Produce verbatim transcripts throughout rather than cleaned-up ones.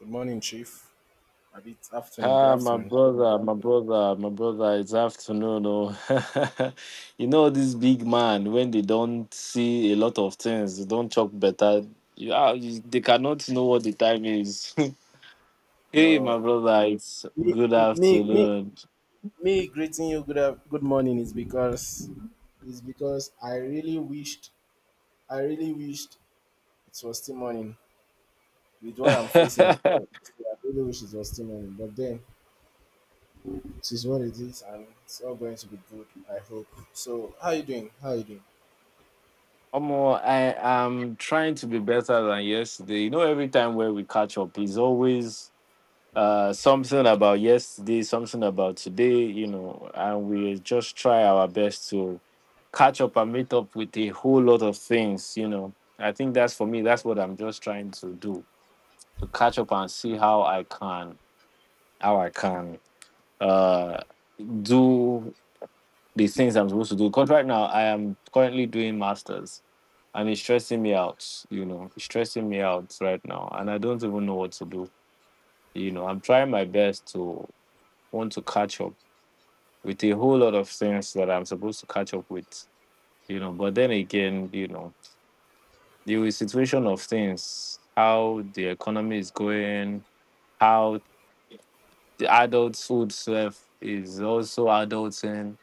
Good morning, Chief. A bit afternoon. Good Ah, my afternoon. brother, my brother, my brother, it's afternoon. Oh. You know, this big man, when they don't see a lot of things, they don't chop better. You, ah, you- they cannot know what the time is. Hey, my No, brother, it's me, good me, me, afternoon. me greeting you. Good, af- good morning is because is because I really wished, I really wished it was still morning with what I'm facing, right? So I really wish it was still morning, but then it is what it is, and it's all going to be good. I hope. So, how you doing? How you doing? Omo, I am trying to be better than yesterday. You know, every time where we catch up, is always uh something about yesterday, something about today you know and we just try our best to catch up and meet up with a whole lot of things you know I think that's for me, that's what I'm just trying to do, to catch up and see how I can how i can uh do the things I'm supposed to do, because right now I am currently doing masters and it's stressing me out. You know, it's stressing me out right now, and I don't even know what to do you know I'm trying my best to want to catch up with a whole lot of things that I'm supposed to catch up with, you know. But then again, you know, the situation of things, how the economy is going, how the adult food stuff is also adulting,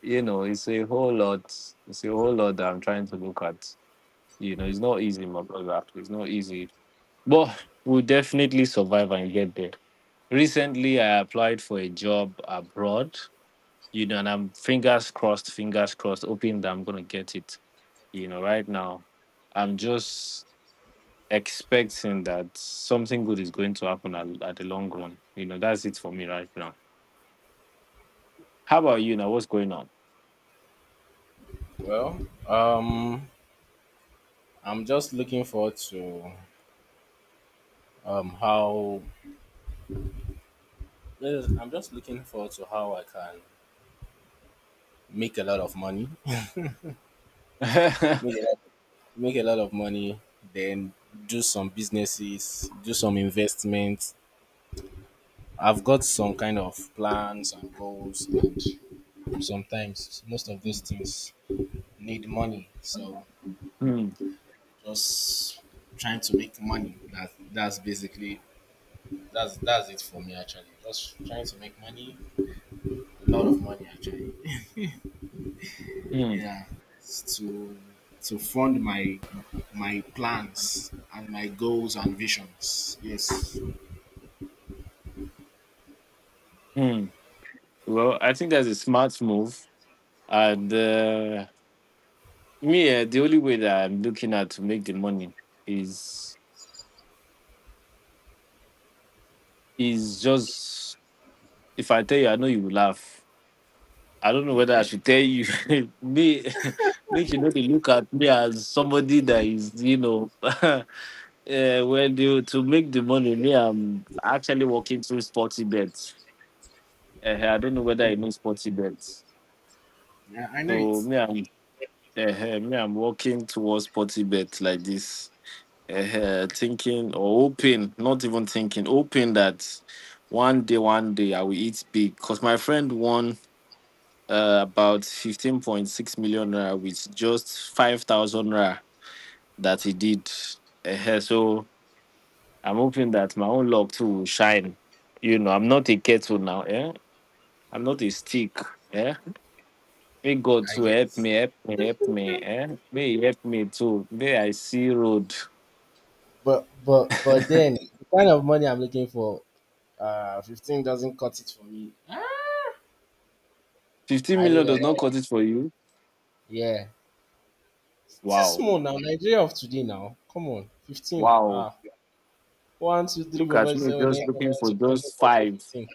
you know, it's a whole lot. It's a whole lot that I'm trying to look at. You know, it's not easy, my brother. It's not easy, but we'll definitely survive and get there. Recently, I applied for a job abroad you know, and I'm fingers crossed, fingers crossed, hoping that I'm gonna get it. You know, right now, I'm just expecting that something good is going to happen at, at, the long run. You know, that's it for me right now. How about you now? What's going on? Well, um, I'm just looking forward to um how I'm just looking forward to how I can make a lot of money, Hmm, make a lot, make a lot of money, then do some businesses, do some investments. I've got some kind of plans and goals, and sometimes most of those things need money. So just trying to make money. That that's basically that's that's it for me actually. Just trying to make money, a lot of money actually. hmm, Yeah, to to fund my my plans and my goals and visions. Yes. hmm. Well, I think that's a smart move, and uh, me, eh, the only way that I'm looking at to make the money is is just, if I tell you, I know you will laugh. I don't know whether I Okay. should tell you. Me, me, you know, they look at me as somebody that is, you know, uh, well, you to make the money. Me, I'm actually working through sporty bets. Uh, I don't know whether I know sporty bets. Yeah, I know it. So me, I'm uh, me, I'm working towards sporty bet like this. Uh, thinking or hoping, not even thinking, hoping that one day, one day I will eat big. Cause my friend won uh, about fifteen point six million naira with just five thousand naira that he did. Eh, so I'm hoping that my own luck too will shine. You know, I'm not a kettle now, eh? I'm not a stick, eh? May God I to help guess. me, help me, help me, eh? May he help me too. May I see road. But but but then the kind of money I'm looking for, uh, fifteen doesn't cut it for me. fifteen I need million a does not lot. cut it for you. Yeah, it's just Wow. small now. Nigeria of today now. Come on, fifteen. Wow. Ah, one, two, three, Look four, at five, six, me seven, just eight, nine, looking eleven, for twelve, thirteen, just fourteen, five. fifteen.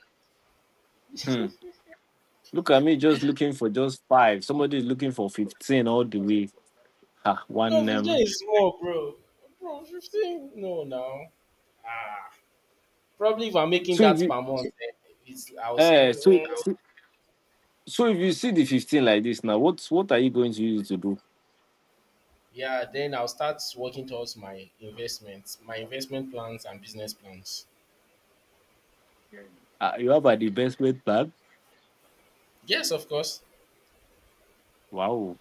Hmm. Look at me just looking for just five. Somebody is looking for fifteen all the way. Ah, one No, um. fifteen is small, bro. Bro, fifteen. No, now. Ah. Probably if I'm making So if that you per month, eh, it's, I will say, uh, so it- mm, so so if you see the fifteen like this now, what's what are you going to use it to do? yeah, then I'll start working towards my investments, my investment plans and business plans. Uh, you have a divestment plan. Yes, of course. Wow.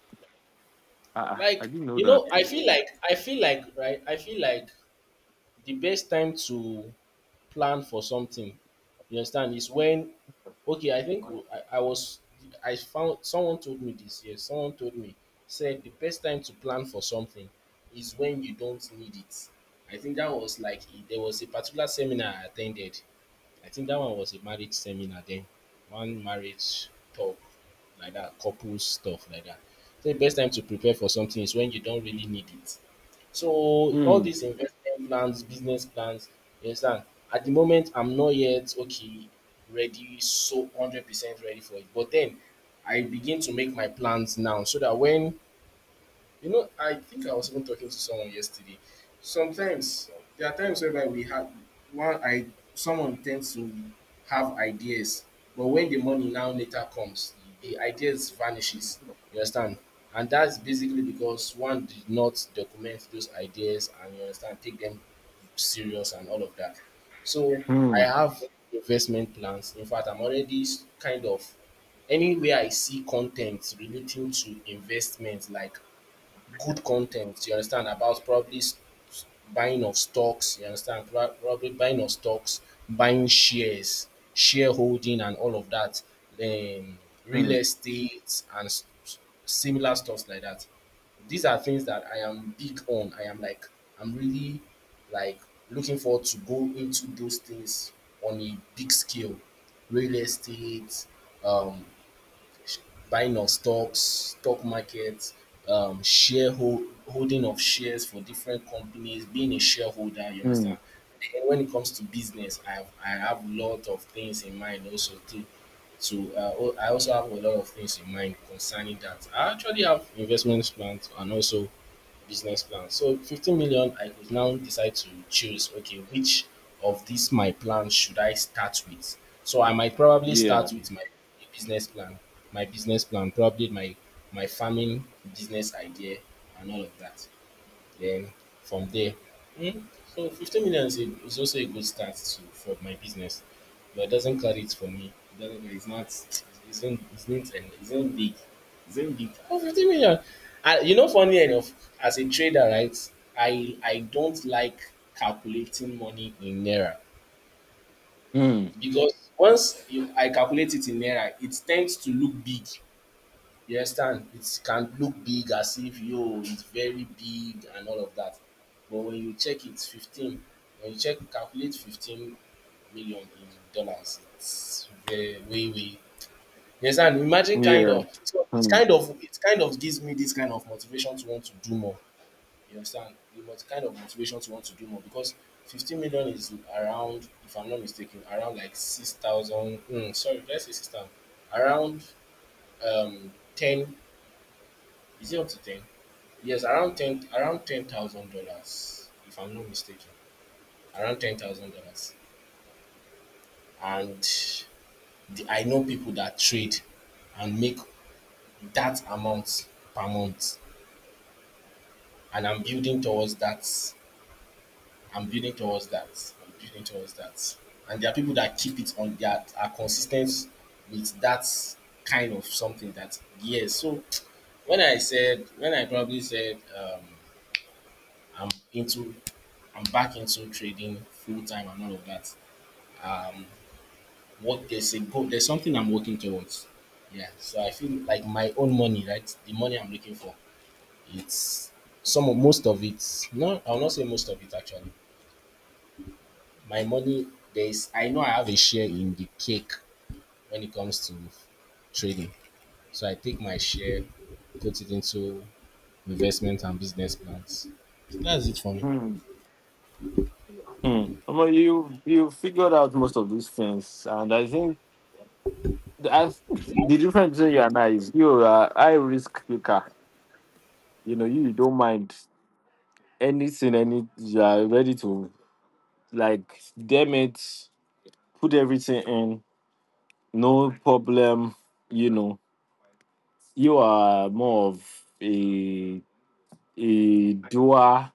Ah, ah, I Like, didn't know you that. know, I too. feel like, I feel like, right, I feel like the best time to plan for something, you understand, is when okay, I think I I was I found someone told me this. Yes, someone told me said the best time to plan for something is when you don't need it. I think that was like e, there was a particular seminar I attended. I think that one was a marriage seminar then, one marriage talk like that, couple stuff like that. So the best time to prepare for something is when you don't really need it. So all Hmm. these investment plans, business plans, you understand? At the moment, I'm not yet okay, ready, so hundred percent ready for it. But then I begin to make my plans now, so that when, you know, I think I was even talking to someone yesterday. Sometimes there are times whereby we have one I someone tends to have ideas, but when the money now later comes, the ideas vanishes. You understand? And that's basically because one did not document those ideas and, you understand, take them serious and all of that. So I Hmm. have investment plans. In fact, I'm already s- kind of anywhere I see content relating to investment, like good content, you understand, about probably s- s- buying of stocks, you understand, pro- probably buying of stocks, buying shares, shareholding, and all of that, um, real Hmm. estate, and s- s- similar stuff like that. These are things that I am big on. I am like, I'm really like looking forward to go into those things on a big scale, real estate, um buying of stocks, stock market, um, share hold, holding of shares for different companies, being a shareholder, you Hmm. understand? And when it comes to business, I have, I have a lot of things in mind also too. So uh, al- I also have a lot of things in mind concerning that. I actually have investment plans and also business plan. So fifteen million, I could now decide to choose, okay, which of these my plans should I start with? So I might probably Yeah. start with my business plan, my business plan, probably my my farming business idea and all of that. Then from there, mm, so fifteen million is, a, is also a good start to, for my business, but it doesn't cut it for me. It doesn't, it's not, it's not, it's not, an- it's not big. It's not big. Oh, fifteen million. And you know, funny enough, as a trader, right, I, I don't like calculating money in Naira Hmm. because once you, I calculate it in Naira, it tends to look big, you understand? It can look big as if yo, it's very big and all of that. But when you check, it's fifteen. When you check, calculate fifteen million in dollars, it's very way way. You understand? Imagine kind Yeah. of, so it's Hmm. kind of, it kind of gives me this kind of motivation to want to do more. You understand? The mot- kind of motivation to want to do more because fifteen million is around, if I'm not mistaken, around like six thousand. Mm, sorry, let's say six thousand. Around um ten, is it up to ten? Yes, around ten around ten thousand dollars, if I'm not mistaken. Around ten thousand dollars. And the, I know people that trade and make that amount per month. And I'm building towards that. I'm building towards that. I'm building towards that. And there are people that keep it on that are consistent with that kind of something that yes. So when I said when I probably said um I'm into I'm back into trading full time and all of that. um, What, there's a goal, there's something I'm working towards. Yeah. So I feel like my own money, right? The money I'm looking for. It's some of most of it. No, I'll not say most of it actually. My money there's I know I have a share in the cake when it comes to trading. So I take my share, put it into investment and business plans. That's it for me. Hmm. Hmm. Well, you you figured out most of these things, and I think the, I, think the difference between you and I is you are a high risk taker. You know, you, you don't mind anything, any You are ready to, like, damn it, put everything in, no problem. You know, you are more of a a doer,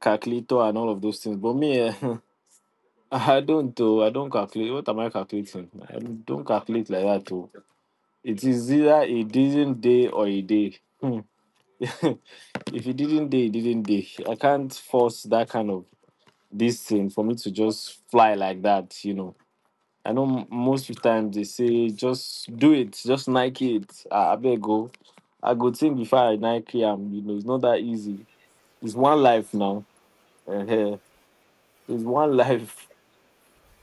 calculator, and all of those things. But me, eh, I don't. Oh, I don't calculate. What am I calculating? I don't calculate like that. Oh, it is either a didn't day or a day. Hmm. If it didn't day, it didn't day. I can't force that kind of this thing for me to just fly like that. You know, I know m- most of the time they say just do it, just Nike it. I, I better go. I go think before I Nike am, you know, it's not that easy. It's one life now. Uh, it's one life.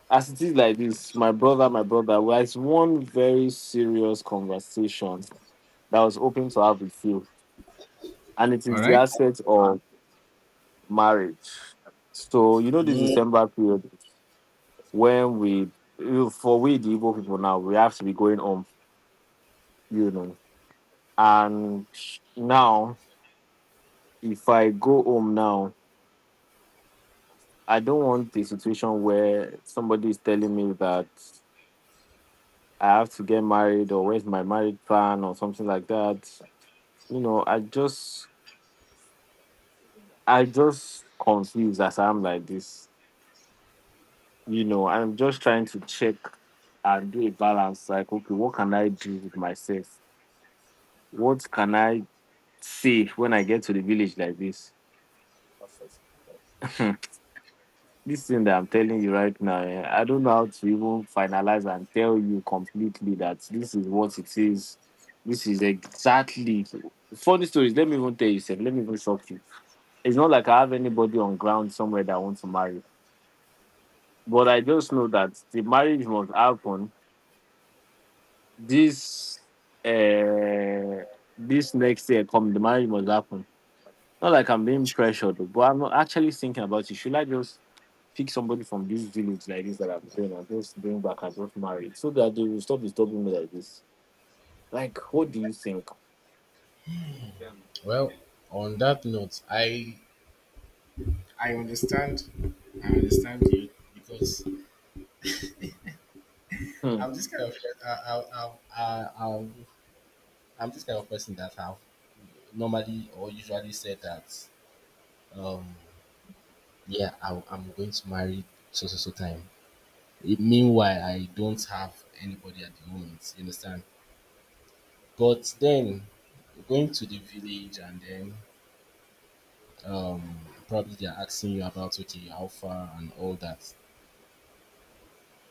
As it is like this, my brother, my brother, well, it's one very serious conversation that I was hoping to have with you. And it All is the right. aspect of marriage. So, you know, this Mm, December period when we, for we, the Igbo people now, we have to be going home, you know. And now, if I go home now, I don't want a situation where somebody is telling me that I have to get married, or where's my marriage plan, or something like that. You know, I just, I just confused as I'm like this. You know, I'm just trying to check and do a balance. Like, okay, what can I do with myself? What can I say when I get to the village like this? This thing that I'm telling you right now, eh, I don't know how to even finalize and tell you completely that this is what it is. This is exactly funny stories. Let me even tell you, sir. Let me even shock you. It's not like I have anybody on ground somewhere that I want to marry, but I just know that the marriage must happen. This, uh, this next year, come, the marriage must happen. Not like I'm being pressured, but I'm actually thinking about it. Should I just pick somebody from this village like this that I'm going and just bring back and just marry, so that they will stop disturbing me like this? Like, what do you think? well, on that note, I I understand I understand you because Hmm. I'm this kind of I, I, I, I, I'm I'm this kind of person that have normally or usually said that um yeah, I, I'm going to marry so so so time. It, meanwhile, I don't have anybody at the moment. You understand? But then going to the village and then um probably they're asking you about, okay, how far and all that.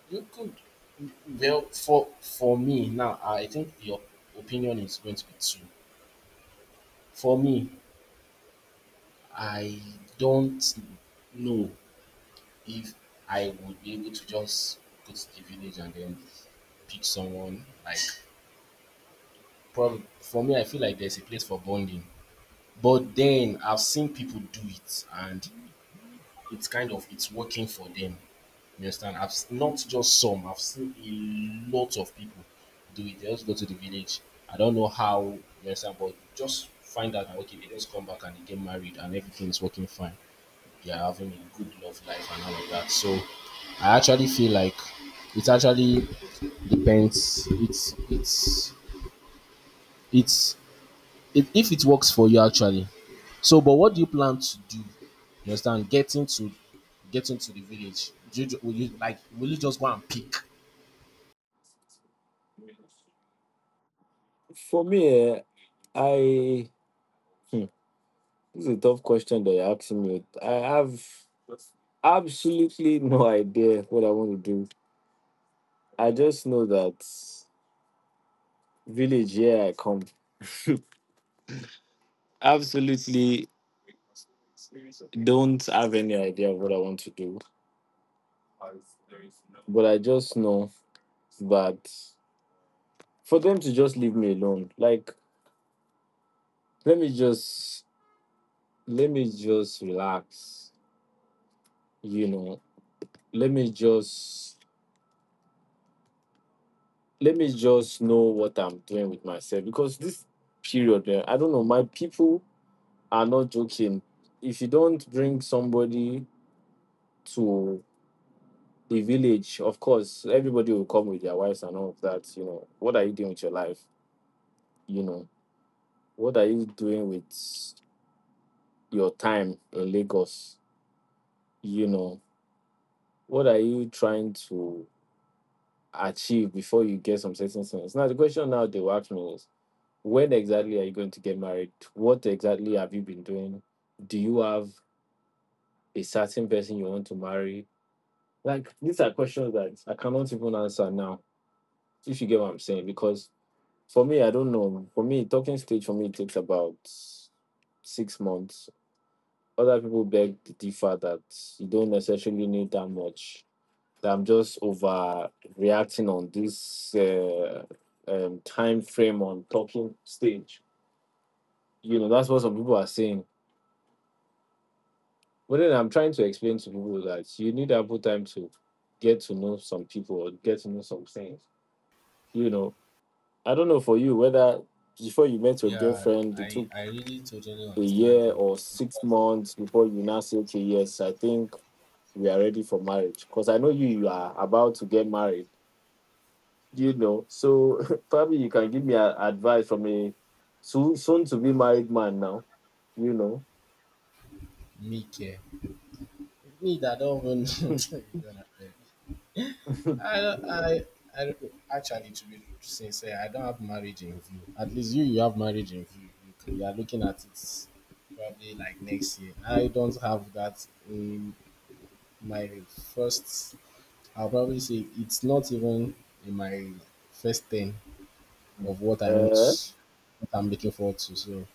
You could Well, for for me now. I think your opinion is going to be two. For me, I don't know if I would be able to just go to the village and then pick someone. Like, probably for me, I feel like there's a place for bonding. But then I've seen people do it, and it's kind of it's working for them. You understand? I've s- not just some. I've seen a lot of people do it. They just go to the village. I don't know how. You understand? But just find out that okay, they just come back and they get married, and everything is working fine. You're having a good love life and all of that. So I actually feel like it actually depends. It's it's it's it, if it works for you actually. So, but what do you plan to do? You understand? Getting to getting to the village. Do you, ju- will you like? Will you just go and pick? For me, eh, I hmm, this is a tough question that you're asking me. I have absolutely no idea what I want to do. I just know that village, here I come. Absolutely don't have any idea of what I want to do, but I just know that, for them to just leave me alone, like, let me just let me just relax, you know. Let me just let me just know what I'm doing with myself, because this period, eh, I don't know, my people are not joking. If you don't bring somebody to the village, of course, everybody will come with their wives and all of that. You know, what are you doing with your life? You know, what are you doing with your time in Lagos? You know, what are you trying to achieve before you get some certain things? Now the question now they will ask me is, when exactly are you going to get married? What exactly have you been doing? Do you have a certain person you want to marry? Like, these are questions that I cannot even answer now, if you get what I'm saying. Because for me, I don't know, for me, talking stage, for me, it takes about six months. Other people beg to differ that you don't necessarily need that much, that I'm just overreacting on this uh, um, time frame on talking stage. You know, that's what some people are saying. But then I'm trying to explain to people that you need ample time to get to know some people or get to know some things. You know, I don't know for you whether, before you met your Yeah, girlfriend, it I took I really totally a understand year you. or six months before you now say, okay, yes, I think we are ready for marriage. Because I know you, you are about to get married, you know, so probably you can give me a, advice from a soon soon to be married man now, you know. Me care. Me that don't even. You don't have it. I, don't- I, I don't- Actually, to be sincere, I don't have marriage in view. At least you, you have marriage in view. You, can- you are looking at it probably like next year. I don't have that in my first. I'll probably say it's not even in my first thing of what I Uh, want, what I'm looking forward to. So,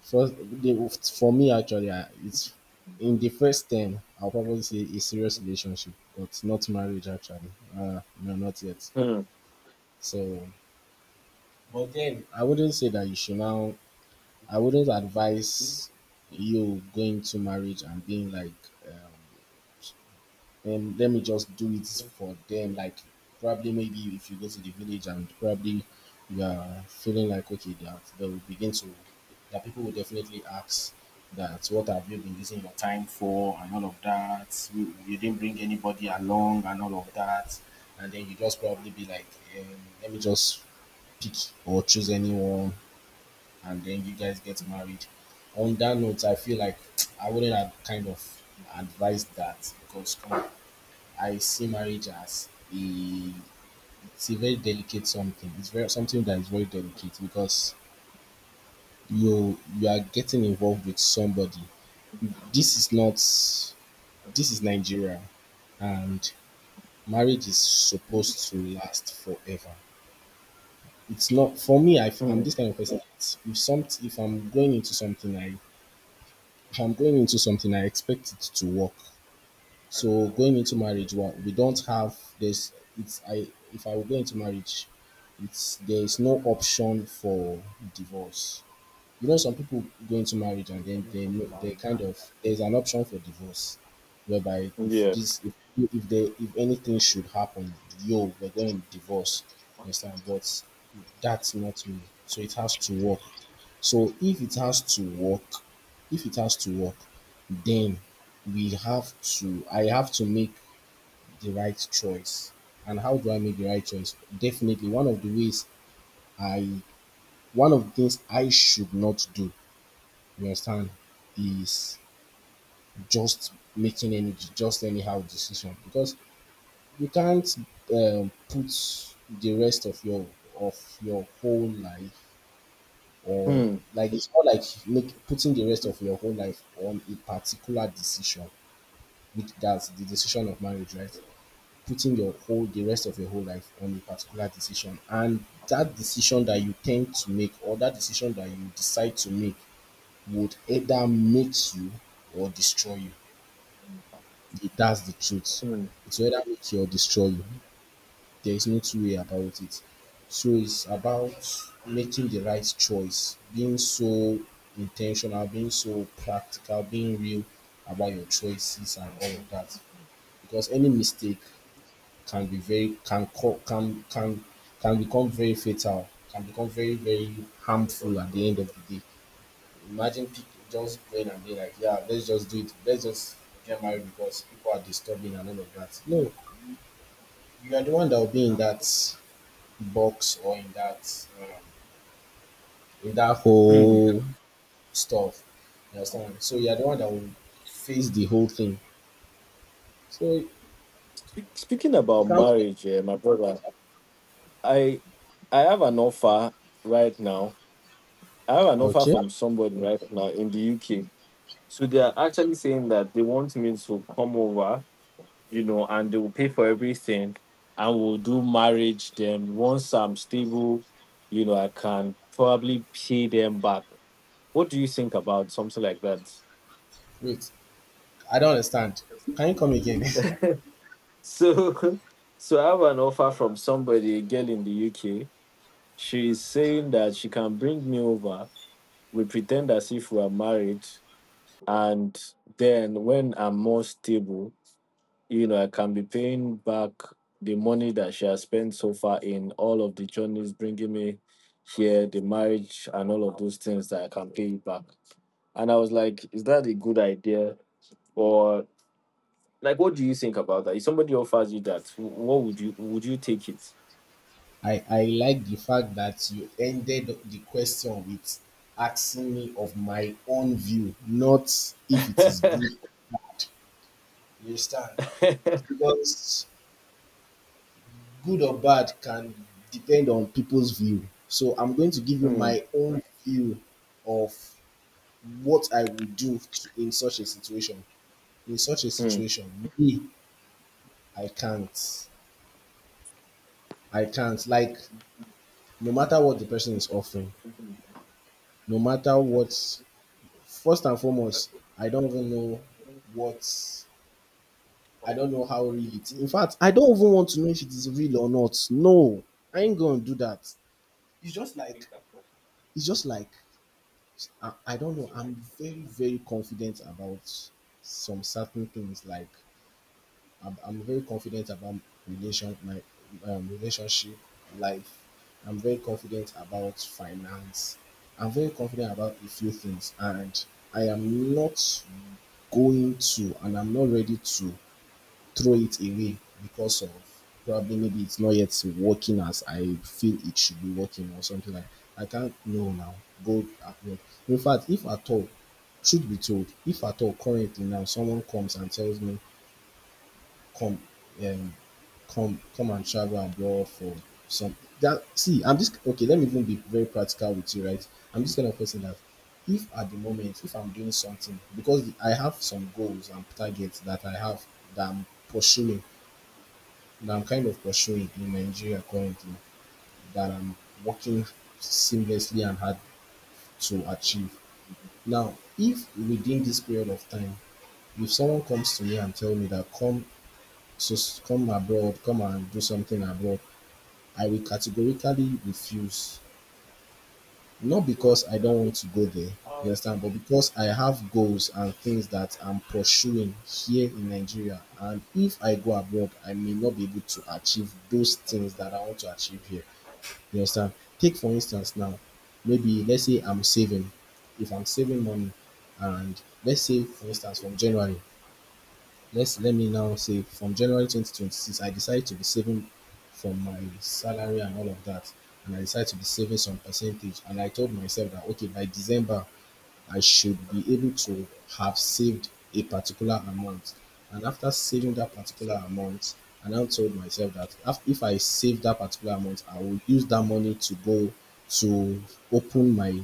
first, the, for me actually, I, it's in the first thing. I'll probably say a serious relationship, but not marriage actually. Uh, no, not yet. hmm, So, but then I wouldn't say that you should now. I wouldn't advise you going to marriage and being like, um, um, let me just do it for them. Like, probably maybe if you go to the village and probably you are feeling like okay, that they will begin to, that people will definitely ask that what have you been using your time for and all of that. You, you didn't bring anybody along and all of that, and then you just probably be like, um, let me just pick or choose anyone and then you guys get married. On that note, I feel like I wouldn't have kind of advised that because come on, I see marriage as a it's a very delicate something. It's very something that is very delicate because you you are getting involved with somebody. This is not This is Nigeria and marriage is supposed to last forever. It's not for me. I, I'm hmm, this kind of person. That If some, If I'm going into something, I if I'm going into something, I expect it to work. So going into marriage, well, we don't have this. It's I If I would go into marriage, it's there is no option for divorce. You know, some people go into marriage, and then they know they kind of there's an option for divorce, whereby if yeah. this if if they if anything should happen, yo, we're going to divorce. You understand? But that's not me. So it has to work. So if it has to work, if it has to work, then we have to I have to make the right choice. And how do I make the right choice? Definitely one of the ways, I one of the things I should not do, you understand, is just making any just anyhow decision. Because you can't, um, put the rest of your, of your whole life, or Hmm, like it's not like make putting the rest of your whole life on a particular decision, which that's the decision of marriage, right? Putting your whole the rest of your whole life on a particular decision, and that decision that you tend to make, or that decision that you decide to make, would either make you or destroy you. Th- That's the truth. hmm, It will either make you or destroy you. There is no two way about it. So it's about making the right choice, being so intentional, being so practical, being real about your choices and all of that. Because any mistake can be very can co- can can can become very fatal, can become very very harmful at the end of the day. Imagine people just going and being like, yeah, let's just do it, let's just get married because people are disturbing and all of that. No, you are the one that will be in that box, or in that um, in that hmm. whole stuff. You understand? So you are the one that will face the whole thing. So Spe- Speaking about you can't. marriage, eh, my brother, I I have an offer right now. I have an offer Okay, from somebody right now in the U K. So they are actually saying that they want me to come over you know, and they will pay for everything, and we'll do marriage. Then once I'm stable, you know, I can probably pay them back. What do you think about something like that? wait. I don't understand. Can you come again? So, so I have an offer from somebody, a girl in the U K. She is saying that she can bring me over. We pretend as if we are married, and then, when I'm more stable, you know, I can be paying back the money that she has spent so far in all of the journeys, bringing me here, the marriage, and all of those things, that I can pay it back. And I was like, is that a good idea? Or, like, what do you think about that? If somebody offers you that, wh- what would you would you take it? I, I like the fact that you ended the question with asking me of my own view, not if it is good or bad. You understand? Because good or bad can depend on people's view. So I'm going to give you Hmm, my own view of what I would do to- in such a situation. In such a hmm, situation, me, I can't. I can't. Like, no matter what the person is offering, no matter what. First and foremost, I don't even know what. I don't know how real it. In fact, I don't even want to know if it is real or not. No, I ain't gonna do that. It's just like it's just like I, I don't know. I'm very very confident about some certain things. Like I'm, I'm very confident about relation my um, relationship life. I'm very confident about finance. I'm very confident about a few things, and I am not going to and I'm not ready to throw it away because of probably maybe it's not yet working as I feel it should be working, or something like I can't know now go abroad. In fact, if at all, truth be told, if at all currently now someone comes and tells me come, um come come and travel abroad for some. That see I'm just Okay, let me even be very practical with you, right? I'm this kind of person that if at the moment, if I'm doing something because I have some goals and targets that I have, that I'm pursuing, that I'm kind of pursuing in Nigeria currently, that I'm working seamlessly and hard to achieve. Now if within this period of time, if someone comes to me and tell me that come, So come abroad, come and do something abroad, I will categorically refuse. Not because I don't want to go there, you understand, but because I have goals and things that I'm pursuing here in Nigeria. And if I go abroad, I may not be able to achieve those things that I want to achieve here. You understand? Take for instance now, maybe let's say I'm saving. If I'm saving money and let's say for instance from January, let's let me now say from January twenty twenty-six, I decided to be saving from my salary and all of that. And I decided to be saving some percentage. And I told myself that okay, by December, I should be able to have saved a particular amount. And after saving that particular amount, I now told myself that af- if I save that particular amount, I will use that money to go to open my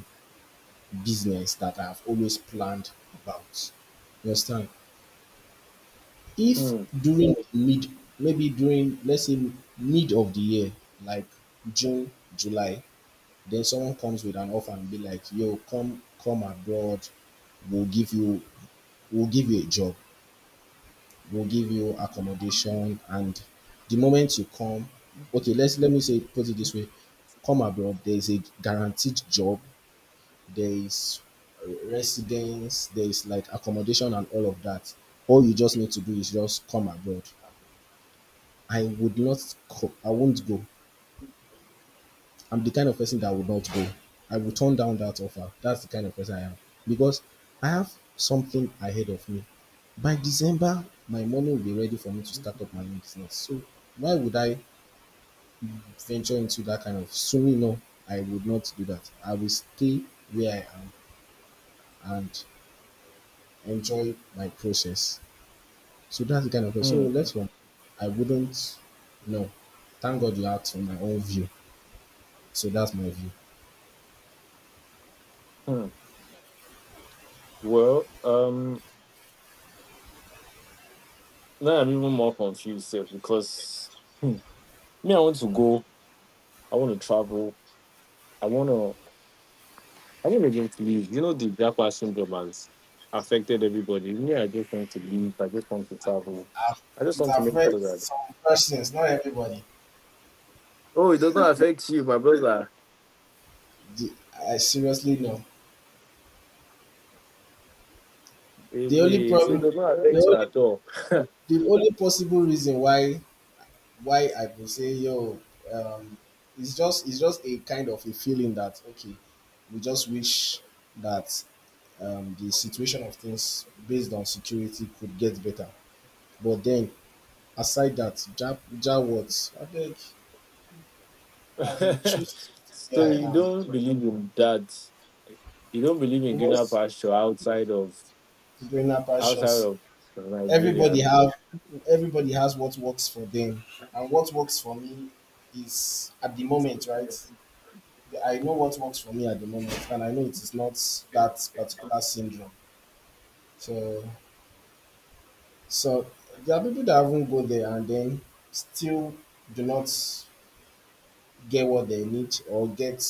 business that I have always planned about. You understand? If hmm, during the mid, maybe during, let's say, mid of the year, like June, July, then someone comes with an offer and be like, yo, come come abroad, we'll give you, we'll give you a job, we'll give you accommodation, and the moment you come, okay, let's let me say put it this way, come abroad, there's a guaranteed job, there is residence, there is like accommodation and all of that. All you just need to do is just come abroad. I would not co- I won't go. I'm the kind of person that would not go. I will turn down that offer. That's the kind of person I am. Because I have something ahead of me. By December, my money will be ready for me to start up my own business. So why would I venture into that kind of swimming? No, I would not do that. I will stay where I am and enjoy my process. So that's the kind of person. So hmm, next one, I wouldn't. No. Thank God you asked for my own view. So that's my view. hmm. Well, um, now I'm even more confused sef, because hmm, me, I want to go. I want to travel. I want to. I want to just leave. You know, the Japan syndrome has affected everybody. Me, I just want to leave. I just want to travel. I've, I just it want to make sure affects that. some persons, not everybody. Oh, it does not affect you, my brother. The- I seriously know. Eh, The only Wait, so it problem, does not the affect you only, at all. the only possible reason why why I could say yo, um, it's just, it's just a kind of a feeling that okay, we just wish that, um, the situation of things based on security could get better. But then aside that, ja, ja what? I think I choose to stay So where you I am. don't believe in that. You don't believe in You know, greener pasture doing outside of people in, outside of Nigeria. everybody have, everybody has what works for them, and what works for me is at the moment, right? I know what works for me at the moment, and I know it is not that particular syndrome. So, so there are people that haven't go there and then still do not get what they need, or get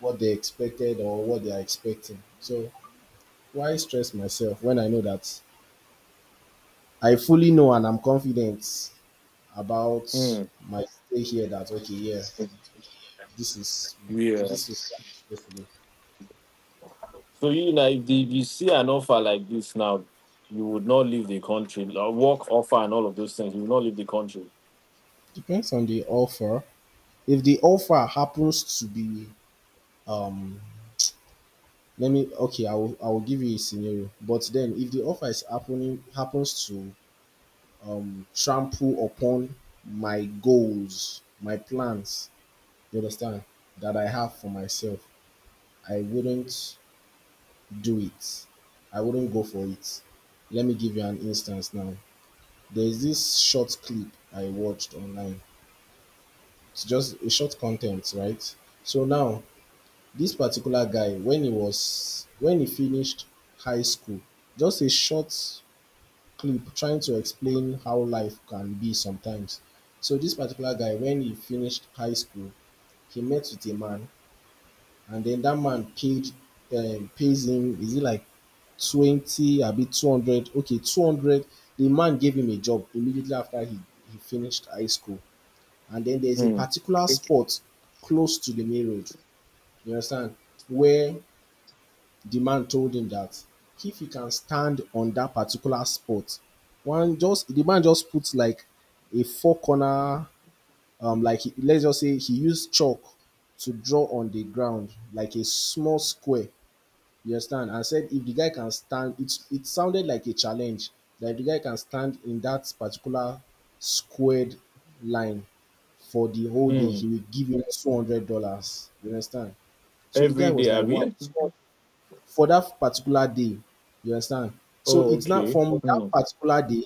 what they expected, or what they are expecting. So why stress myself when I know that I fully know and I'm confident about Hmm. my stay here, that okay, yeah, this is, Yeah. this is definitely So you know, if, the, if you see an offer like this now, you would not leave the country. Like, work offer and all of those things, you would not leave the country. depends on the offer. If the offer happens to be, um, let me okay, I will, I will give you a scenario. But then if the offer is happening happens to, um, trample upon my goals, my plans, you understand, that I have for myself, I wouldn't do it. I wouldn't go for it. Let me give you an instance now. There's this short clip I watched online. It's just a short content, right? So now this particular guy, when he was when he finished high school, just a short clip trying to explain how life can be sometimes. So this particular guy, when he finished high school, he met with a man, and then that man paid, um, pays him is it like twenty abi two hundred, okay, two hundred. The man gave him a job immediately after he he finished high school, and then there's a Hmm. particular spot close to the main road, you understand, where the man told him that if he can stand on that particular spot, one just the man just puts like a four corner, um, like he, let's just say he used chalk to draw on the ground like a small square, you understand, and said if the guy can stand, it it sounded like a challenge that if the guy can stand in that particular squared line for the whole day, Mm. he will give him two hundred dollars. You understand? So the guy Every was day, like, "Wow!" Abby? So for that particular day, you understand? So Oh, it's not okay. from that Hmm. particular day.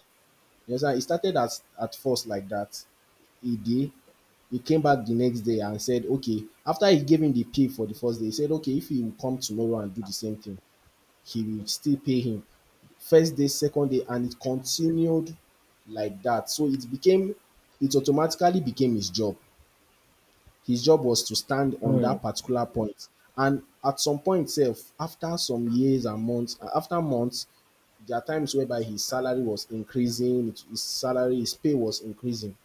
You understand? It started as at first like that a day. He came back the next day and said, "Okay." After he gave him the pay for the first day, he said, "Okay, if he will come tomorrow and do the same thing, he will still pay him." First day, second day, and it continued like that. So it became, it automatically became his job. His job was to stand on Hmm. that particular point. And at some point, self, after some years and months, after months, there are times whereby his salary was increasing, his salary, his pay was increasing.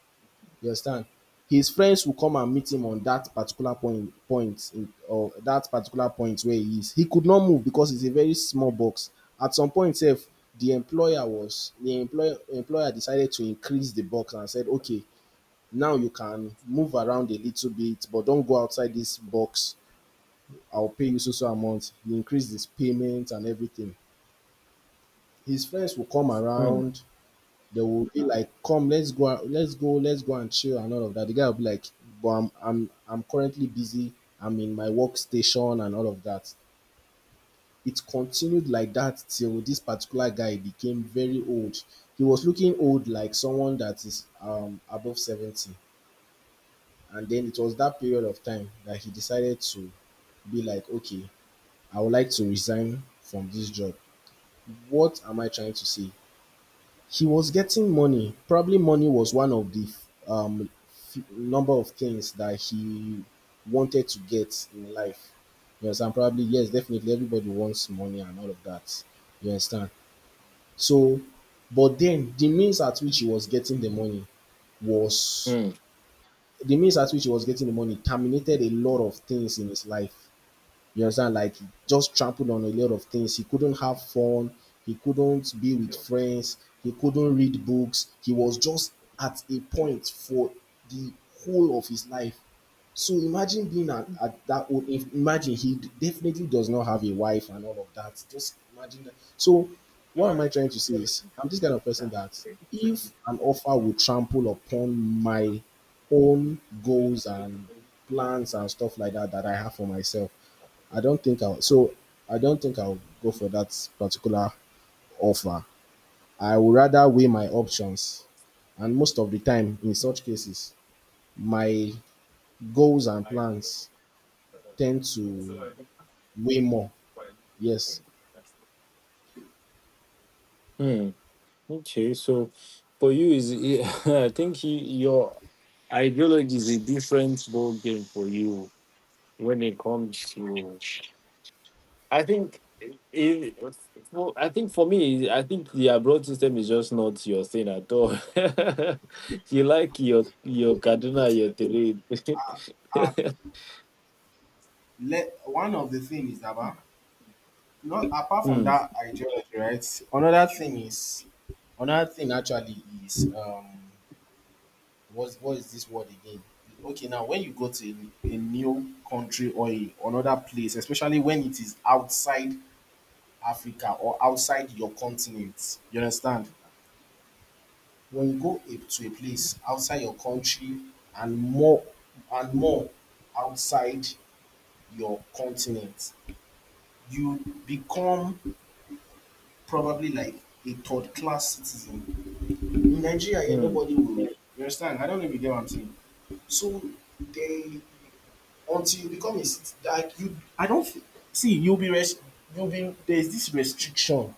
You understand? His friends will come and meet him on that particular point, point in, or that particular point where he is. He could not move because it's a very small box. At some point, self, the employer was the employer employer decided to increase the box and said, okay, now you can move around a little bit, but don't go outside this box. I'll pay you so so amount. You increase this payment and everything. His friends will come Hmm. around. They will be like, "Come, let's go, out- let's go, let's go and chill," and all of that. The guy will be like, "But I'm, I'm, I'm currently busy. I'm in my workstation and all of that." It continued like that till this particular guy became very old. He was looking old, like someone that is um above seventy, and then it was that period of time that he decided to be like, okay, I would like to resign from this job. What am I trying to say? He was getting money. Probably money was one of the um, f- number of things that he wanted to get in life. You understand? Probably, yes, definitely everybody wants money and all of that. You understand? So, but then the means at which he was getting the money was Hmm. the means at which he was getting the money terminated a lot of things in his life. You understand? Like he just trampled on a lot of things. He couldn't have fun. He couldn't be with friends. He couldn't read books. He was just at a point for the whole of his life. So imagine being at, at that old if- imagine he definitely does not have a wife and all of that. Just imagine that. So what am I trying to say is I'm this kind of person that if an offer will trample upon my own goals and plans and stuff like that that I have for myself, I don't think I'll. So I don't think I'll go for that particular offer. I would rather weigh my options, and most of the time, in such cases, my goals and plans tend to weigh more. Yes. Hmm. Okay. So, for you is I think, you, your ideology is a different ball game for you when it comes to, I think it, for, I think for me, I think the abroad system is just not your thing at all. You like your your Kaduna, your terrain. Let one of the things is about not apart from Hmm. that ideology, right? Another thing is another thing actually is um What what is this word again? Okay, now when you go to a, a new country or a, another place, especially when it is outside Africa or outside your continent, you understand? When you go a, to a place outside your country and more and more outside your continent, you become probably like a third class citizen. In Nigeria, yeah, nobody will. You understand? I don't know if you get what I'm saying. So they until you become a cit- like you I don't f- see you'll be rest, you'll be there's this restriction,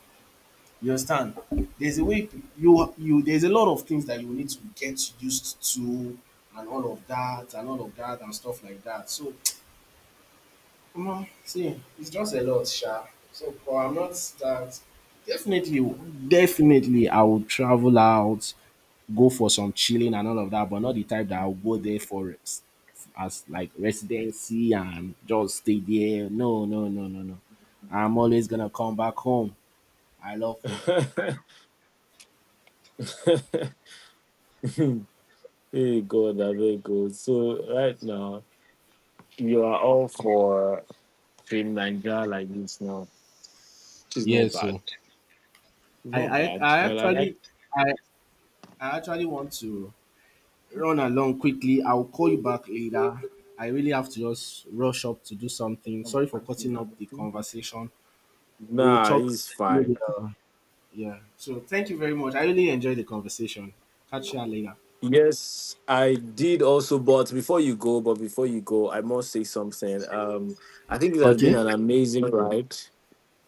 you understand, there's a way you you there's a lot of things that you need to get used to and all of that and all of that and stuff like that. So um, see it's just a lot sha. So but I'm not that, definitely, definitely I will travel out, go for some chilling and all of that, but not the type that I'll go there for res- as like residency and just stay there. No, no, no, no, no. I'm always gonna come back home. I love home. Hmm. Hey God, I beg God. So right now, you are all for Team Nigeria like this now. She's Yeah, not bad. so I Not I, bad. I Well, I like. actually I, I actually want to run along quickly. I'll call you back later. I really have to just rush up to do something. Sorry for cutting up the conversation. We'll Nah, talk he's fine. later. Yeah. So thank you very much. I really enjoyed the conversation. Catch you later. Yes, I did also. But before you go, but before you go, I must say something. Um, I think it has been Okay. an amazing ride.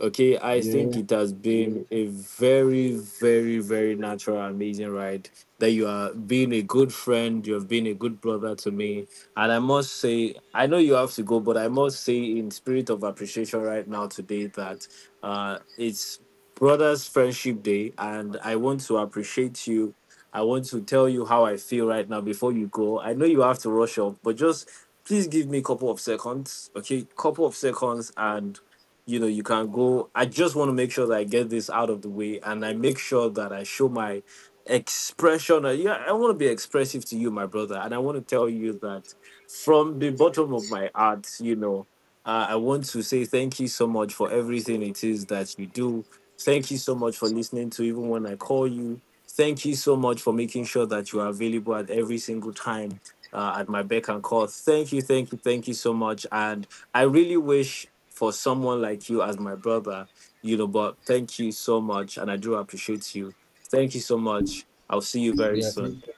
Okay, I think Yeah. it has been a very, very, very natural, amazing ride. That you are being a good friend, you have been a good brother to me. And I must say, I know you have to go, but I must say, in spirit of appreciation right now today, that uh, it's Brothers Friendship Day, and I want to appreciate you. I want to tell you how I feel right now before you go. I know you have to rush off, but just please give me a couple of seconds, okay? Couple of seconds, and you know you can go. I just want to make sure that I get this out of the way and I make sure that I show my expression. Uh, yeah, I want to be expressive to you, my brother, and I want to tell you that, from the bottom of my heart you know uh, I want to say thank you so much for everything it is that you do. Thank you so much for listening to, even when I call you. Thank you so much for making sure that you are available at every single time, uh, at my beck and call. Thank you, thank you, thank you so much, and I really wish for someone like you as my brother, you know, but thank you so much. And I do appreciate you. Thank you so much. I'll see you very Yeah, thank soon. you.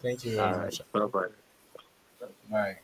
Thank you All very right. much. Bye bye. Bye.